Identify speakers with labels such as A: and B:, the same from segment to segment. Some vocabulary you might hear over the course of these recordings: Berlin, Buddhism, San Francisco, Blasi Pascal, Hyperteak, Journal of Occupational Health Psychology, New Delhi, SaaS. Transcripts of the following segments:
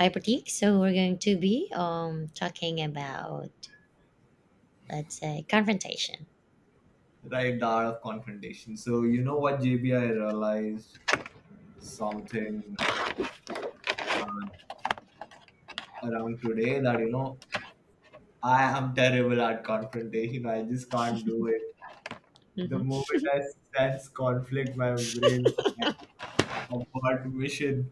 A: Hyperteak. So we're going to be talking about, let's say, confrontation.
B: Right hour of confrontation. So you know what, J B I realized something, um, around today, that you know I am terrible at confrontation. I just can't do it. The
A: Hmm.
B: moment I sense conflict, my brain's like abort mission.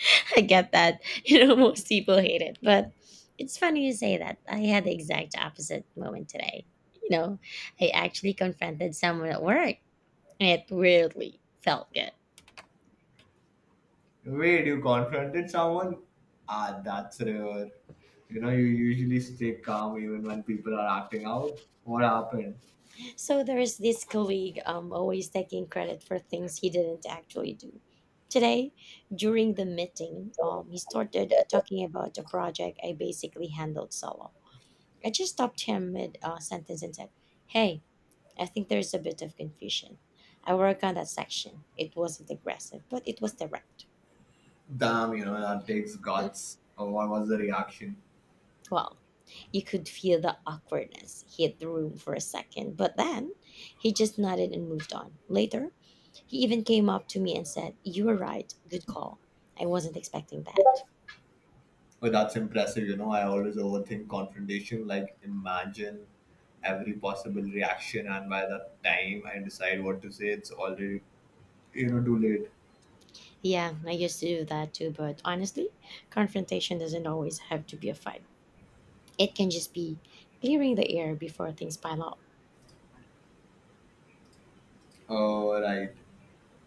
A: I get that. You know, most people hate it, but it's funny you say that. I had the exact opposite moment today. You know, I actually confronted someone at work, and it really felt good.
B: Wait, you confronted someone? Ah, that's rare. You know, you usually stay calm even when people are acting out. What happened?
A: So there is this colleague, always taking credit for things he didn't actually do. Today, during the meeting, he started talking about a project I basically handled solo. I just stopped him mid sentence and said, "Hey, I think there's a bit of confusion. I work on that section." It wasn't aggressive, but it was direct.
B: Damn, you know, that takes guts. Or what was the reaction?
A: Well, you could feel the awkwardness hit the room for a second, but then he just nodded and moved on. Later, he even came up to me and said, "You were right. Good call." I wasn't expecting that.
B: Oh, that's impressive. You know, I always overthink confrontation. Like, imagine every possible reaction, and by the time I decide what to say, it's already, you know, too late.
A: Yeah, I used to do that too, but honestly, confrontation doesn't always have to be a fight. It can just be clearing the air before things pile up.
B: Oh, right.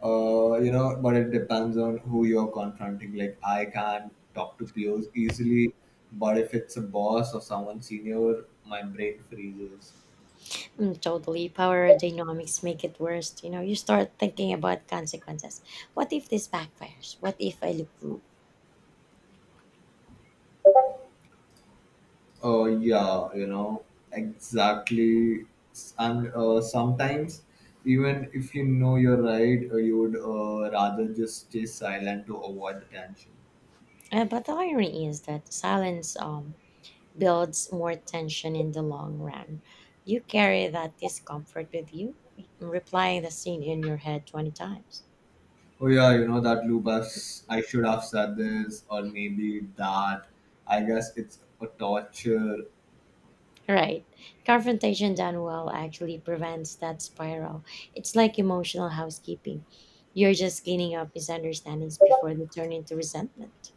B: You know, but it depends on who you're confronting. Like, I can talk to peers easily, but if it's a boss or someone senior, my brain freezes.
A: Mm, totally. Power dynamics make it worse. You know, you start thinking about consequences. What if this backfires? What if I look rude?
B: Oh yeah, you know, exactly. And sometimes, even if you know you're right, you would rather just stay silent to avoid the tension.
A: But the irony is that silence builds more tension in the long run. You carry that discomfort with you, replying the scene in your head 20 times.
B: Oh, yeah, you know, that loop has, I should have said this, or maybe that. I guess it's a torture.
A: Right. Confrontation done well actually prevents that spiral. It's like emotional housekeeping. You're just cleaning up misunderstandings before they turn into resentment.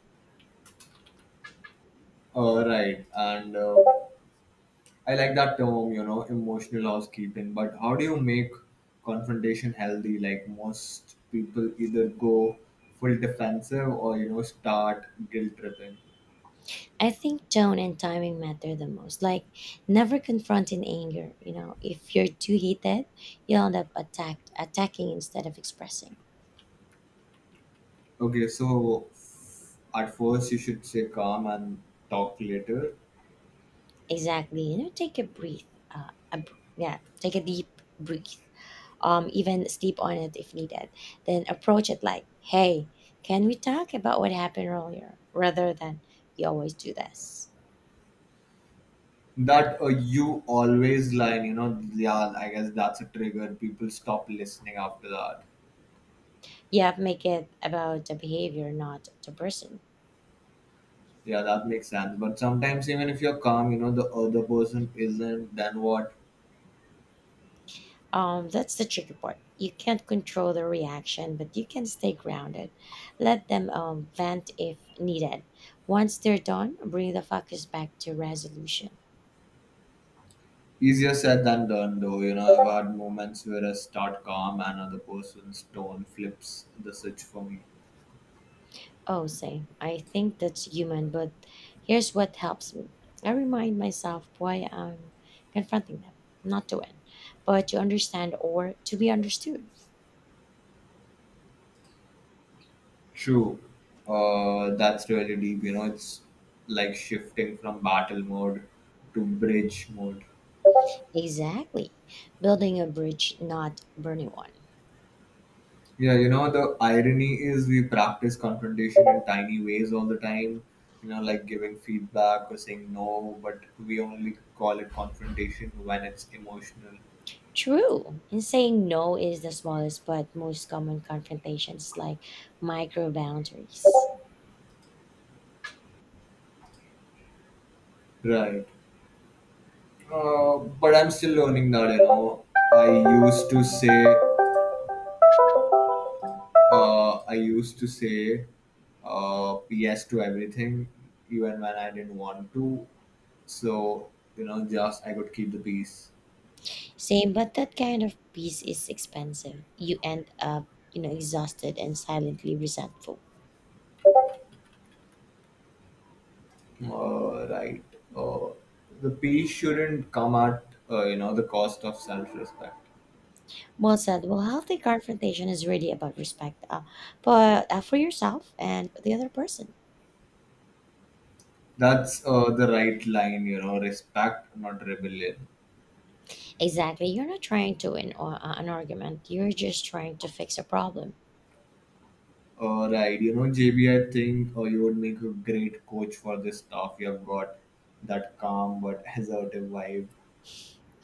B: Right. And I like that term, you know, emotional housekeeping. But how do you make confrontation healthy? Like most people either go full defensive or, you know, start guilt tripping.
A: I think tone and timing matter the most. Like, never confront in anger. You know, if you're too heated, you'll end up attacking instead of expressing.
B: Okay, so at first you should say calm and talk later.
A: Exactly. You know, take a breath. Yeah, take a deep breath. Even sleep on it if needed. Then approach it like, "Hey, can we talk about what happened earlier?" Rather than, "You always do this."
B: That you always line, you know, yeah, I guess that's a trigger. People stop listening after that.
A: Yeah, make it about the behavior, not the person.
B: Yeah, that makes sense. But sometimes even if you're calm, you know, the other person isn't. Then what?
A: That's the tricky part. You can't control the reaction, but you can stay grounded. Let them vent if needed. Once they're done, bring the focus back to resolution.
B: Easier said than done, though. You know, I've had moments where I start calm and other person's tone flips the switch for me.
A: Oh, say, I think that's human, but here's what helps me. I remind myself why I'm confronting them, not to win, but to understand or to be understood.
B: True. That's really deep. You know, it's like shifting from battle mode to bridge mode.
A: Exactly. Building a bridge, not burning one.
B: Yeah, you know, the irony is we practice confrontation in tiny ways all the time, you know, like giving feedback or saying no, but we only call it confrontation when it's emotional.
A: True. And saying no is the smallest but most common confrontations, like micro boundaries.
B: Right. But I'm still learning that, you know. I used to say, I used to say yes to everything, even when I didn't want to. So, you know, just I could keep the peace.
A: Same, but that kind of peace is expensive. You end up, you know, exhausted and silently resentful.
B: Right. Uh, the peace shouldn't come at, you know, the cost of self respect.
A: Well said. Well, healthy confrontation is really about respect, but for yourself and the other person.
B: That's the right line, you know, respect, not rebellion.
A: Exactly. You're not trying to win or, an argument. You're just trying to fix a problem.
B: Alright, you know, JB, I think you would make a great coach for this stuff. You have got that calm but assertive vibe.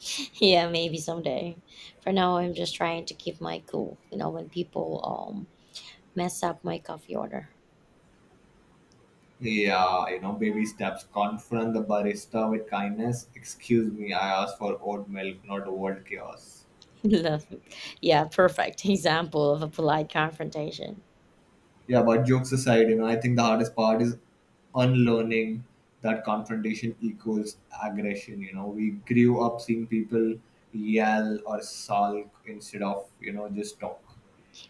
A: Yeah, maybe someday. For now, I'm just trying to keep my cool. You know, when people mess up my coffee order.
B: Yeah, you know, baby steps. Confront the barista with kindness. Excuse me, I asked for oat milk, not world chaos.
A: Love it. Yeah, perfect example of a polite confrontation.
B: Yeah, but jokes aside, you know, I think the hardest part is unlearning that confrontation equals aggression. You know, we grew up seeing people yell or sulk instead of, you know, just talk.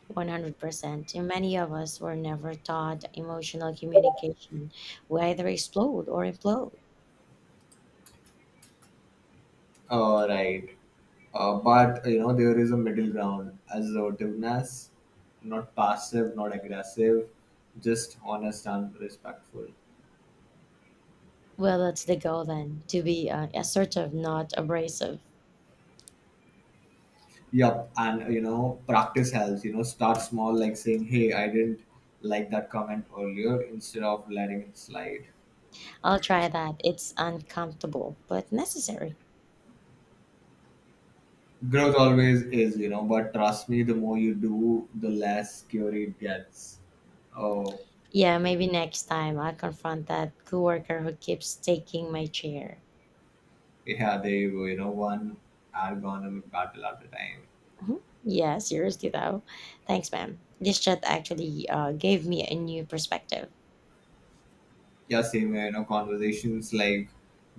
A: 100%. And many of us were never taught emotional communication. We either explode or implode.
B: Right. But you know there is a middle ground as assertiveness, not passive, not aggressive, just honest and respectful.
A: Well, that's the goal then, to be assertive, not abrasive.
B: Yup, and you know practice helps. You know, start small, like saying, "Hey, I didn't like that comment earlier," instead of letting it slide.
A: I'll try that. It's uncomfortable, but necessary.
B: Growth always is, you know, but trust me, the more you do, the less scary it gets. Oh,
A: Yeah, maybe next time I'll confront that coworker who keeps taking my chair.
B: yeah, there you go. You know, one ergonomic battle at a time.
A: Mhm. Yeah, seriously though. Thanks, ma'am. This chat actually gave me a new perspective.
B: Yeah, same here. You know, conversations like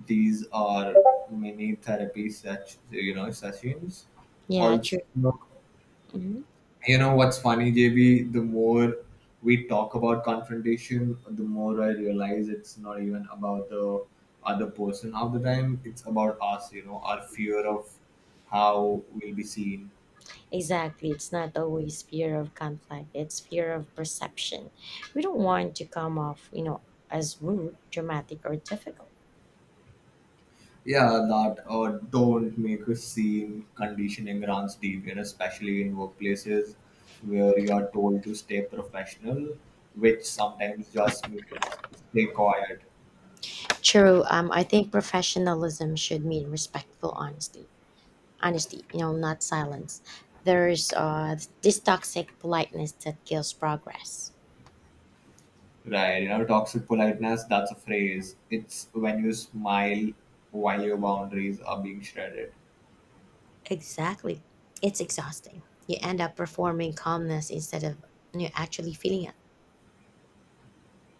B: these are mini therapy such you know sessions.
A: Yeah,
B: Also,
A: true. Hmm.
B: you know what's funny, JB? The more we talk about confrontation, the more I realize it's not even about the other person half the time. It's about us. You know, our fear of how we'll be seen.
A: Exactly. It's not always fear of conflict. It's fear of perception. We don't want to come off, you know, as rude, dramatic, or difficult.
B: Yeah, that don't make a scene conditioning runs deep, and especially in workplaces where you are told to stay professional, which sometimes just means stay quiet,
A: True. I think professionalism should mean respectful honesty. Honesty, you know, not silence. There's this toxic politeness that kills progress.
B: right? You know, toxic politeness, that's a phrase. It's when you smile while your boundaries are being shredded.
A: Exactly. It's exhausting. You end up performing calmness instead of, you know, actually feeling it.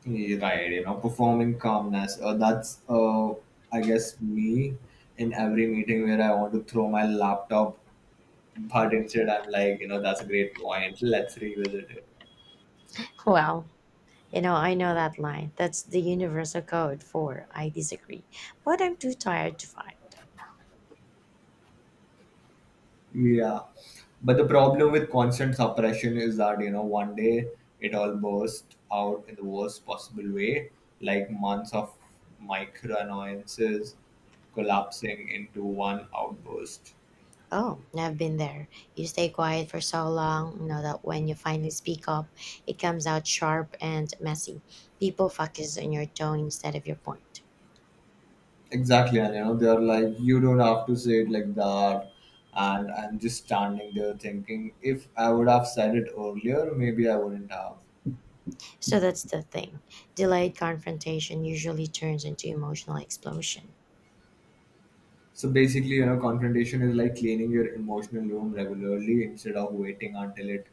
B: Yeah, right, you know, performing calmness. I guess, me in every meeting where I want to throw my laptop, but
A: Mm.
B: instead I'm like, you know, that's a great point, let's revisit it.
A: Well, you know, I know that line. That's the universal code for, "I disagree, but I'm too tired to fight."
B: Yeah, but the problem with constant suppression is that, you know, one day it all bursts out in the worst possible way, like months of micro annoyances collapsing into one outburst.
A: Oh, I've been there. You stay quiet for so long, you know, that when you finally speak up, it comes out sharp and messy. People focus on your tone instead of your point.
B: Exactly, and you know they're like, you don't have to say it like that, and I'm just standing there thinking, if I would have said it earlier, maybe I wouldn't have.
A: So that's the thing. Delayed confrontation usually turns into emotional explosion.
B: So basically, you know, confrontation is like cleaning your emotional room regularly instead of waiting until it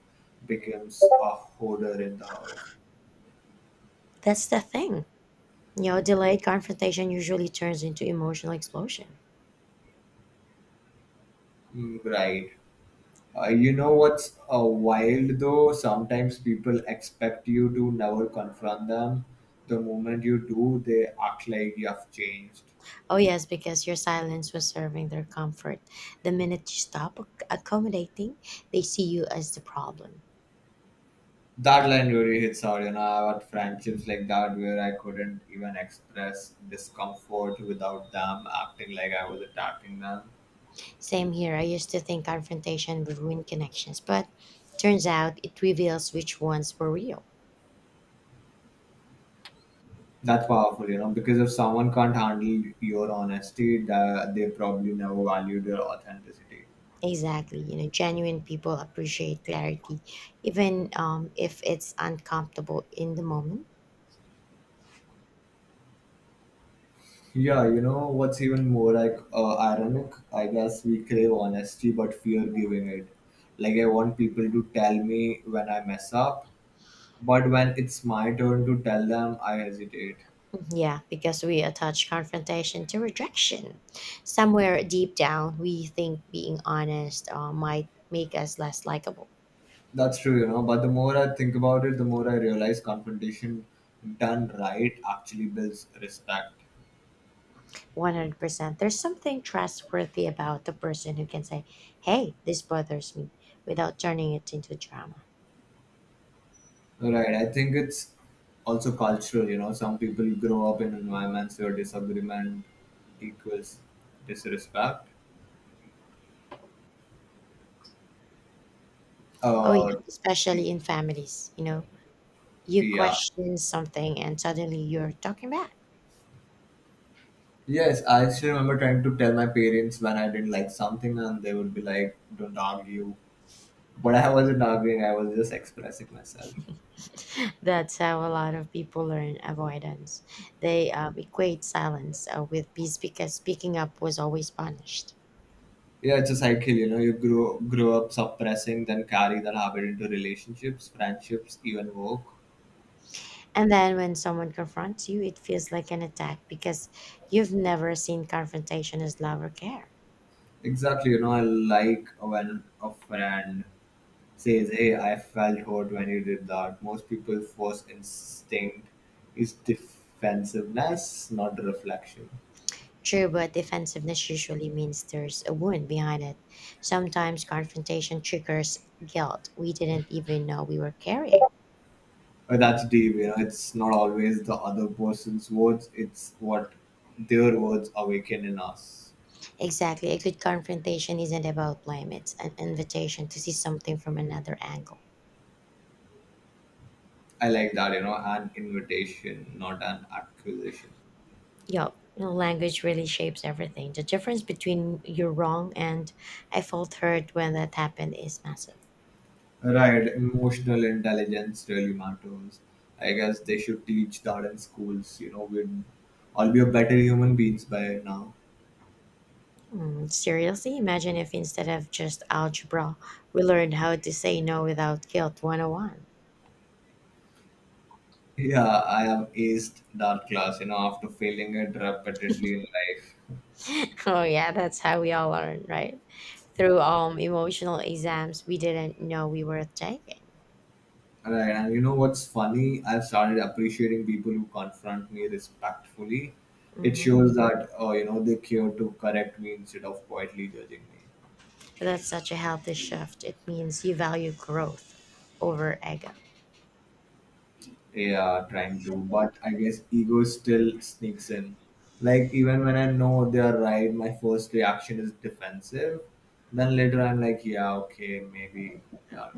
B: becomes a hoarder in the house.
A: That's the thing. You know, delayed confrontation usually turns into emotional explosion.
B: Mm, right. You know what's wild though? Sometimes people expect you to never confront them. The moment you do, they act like you have changed.
A: Oh, yes, because your silence was serving their comfort. The minute you stop accommodating, they see you as the problem.
B: That line really hits hard. You know, I had friendships like that where I couldn't even express discomfort without them acting like I was attacking them.
A: Same here. I used to think confrontation would ruin connections, but turns out it reveals which ones were real.
B: That's powerful, you know, because if someone can't handle your honesty, that they probably never valued your authenticity.
A: Exactly. You know, genuine people appreciate clarity, even if it's uncomfortable in the moment.
B: Yeah, you know what's even more like, ironic? I guess we crave honesty but fear giving it. Like, I want people to tell me when I mess up, but when it's my turn to tell them, I hesitate.
A: Yeah, because we attach confrontation to rejection. Somewhere deep down, we think being honest might make us less likable.
B: That's true, you know. But the more I think about it, the more I realize confrontation done right actually builds respect.
A: 100%. There's something trustworthy about the person who can say, "Hey, this bothers me," without turning it into drama.
B: Right. I think it's also cultural, you know. Some people grow up in environments where disagreement equals disrespect.
A: Oh, yeah,
B: Uh,
A: especially in families. You know, you
B: yeah.
A: question something and suddenly you're talking back.
B: Yes, I still remember trying to tell my parents when I didn't like something, and they would be like, don't argue. But I wasn't arguing, I was just expressing myself.
A: That's how a lot of people learn avoidance. They equate silence with peace because speaking up was always punished.
B: Yeah, it's a cycle, you know. You grow up suppressing, then carry that habit into relationships, friendships, even work.
A: And then when someone confronts you, it feels like an attack because you've never seen confrontation as love or care.
B: Exactly, you know. I like when a friend says, Hey, I felt hurt when you did that. Most people's first instinct is defensiveness, not reflection.
A: True, but defensiveness usually means there's a wound behind it. Sometimes confrontation triggers guilt we didn't even know we were carrying.
B: But that's deep, you know, it's not always the other person's words, it's what their words awaken in us.
A: Exactly, a good confrontation isn't about blame, it's an invitation to see something from another angle.
B: I like that, you know, an invitation, not an accusation.
A: Yup, you know, language really shapes everything. The difference between "you're wrong" and "I felt hurt when that happened" is massive.
B: Right, emotional intelligence really matters. I guess they should teach that in schools, you know, we'd all be a better human beings by now.
A: Mm, seriously, imagine if instead of just algebra, we learned how to say no without guilt 101. Oh, one.
B: Yeah, I have aced that class, you know, after failing it repeatedly in life.
A: Oh yeah, that's how we all learn, right? Through emotional exams we didn't know we were taking.
B: Right, and you know what's funny? I've started appreciating people who confront me respectfully. It
A: Hmm.
B: shows that, you know, they care to correct me instead of quietly judging me.
A: That's such a healthy shift. It means you value growth over ego.
B: Yeah, trying to, but I guess ego still sneaks in. Like, even when I know they're right, my first reaction is defensive. Then later I'm like, yeah, okay, maybe. Yeah,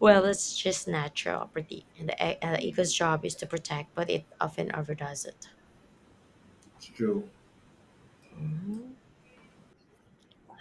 A: Well, it's just natural property, and the ego's job is to protect, but it often overdoes it.
B: it's true.
A: Mhm.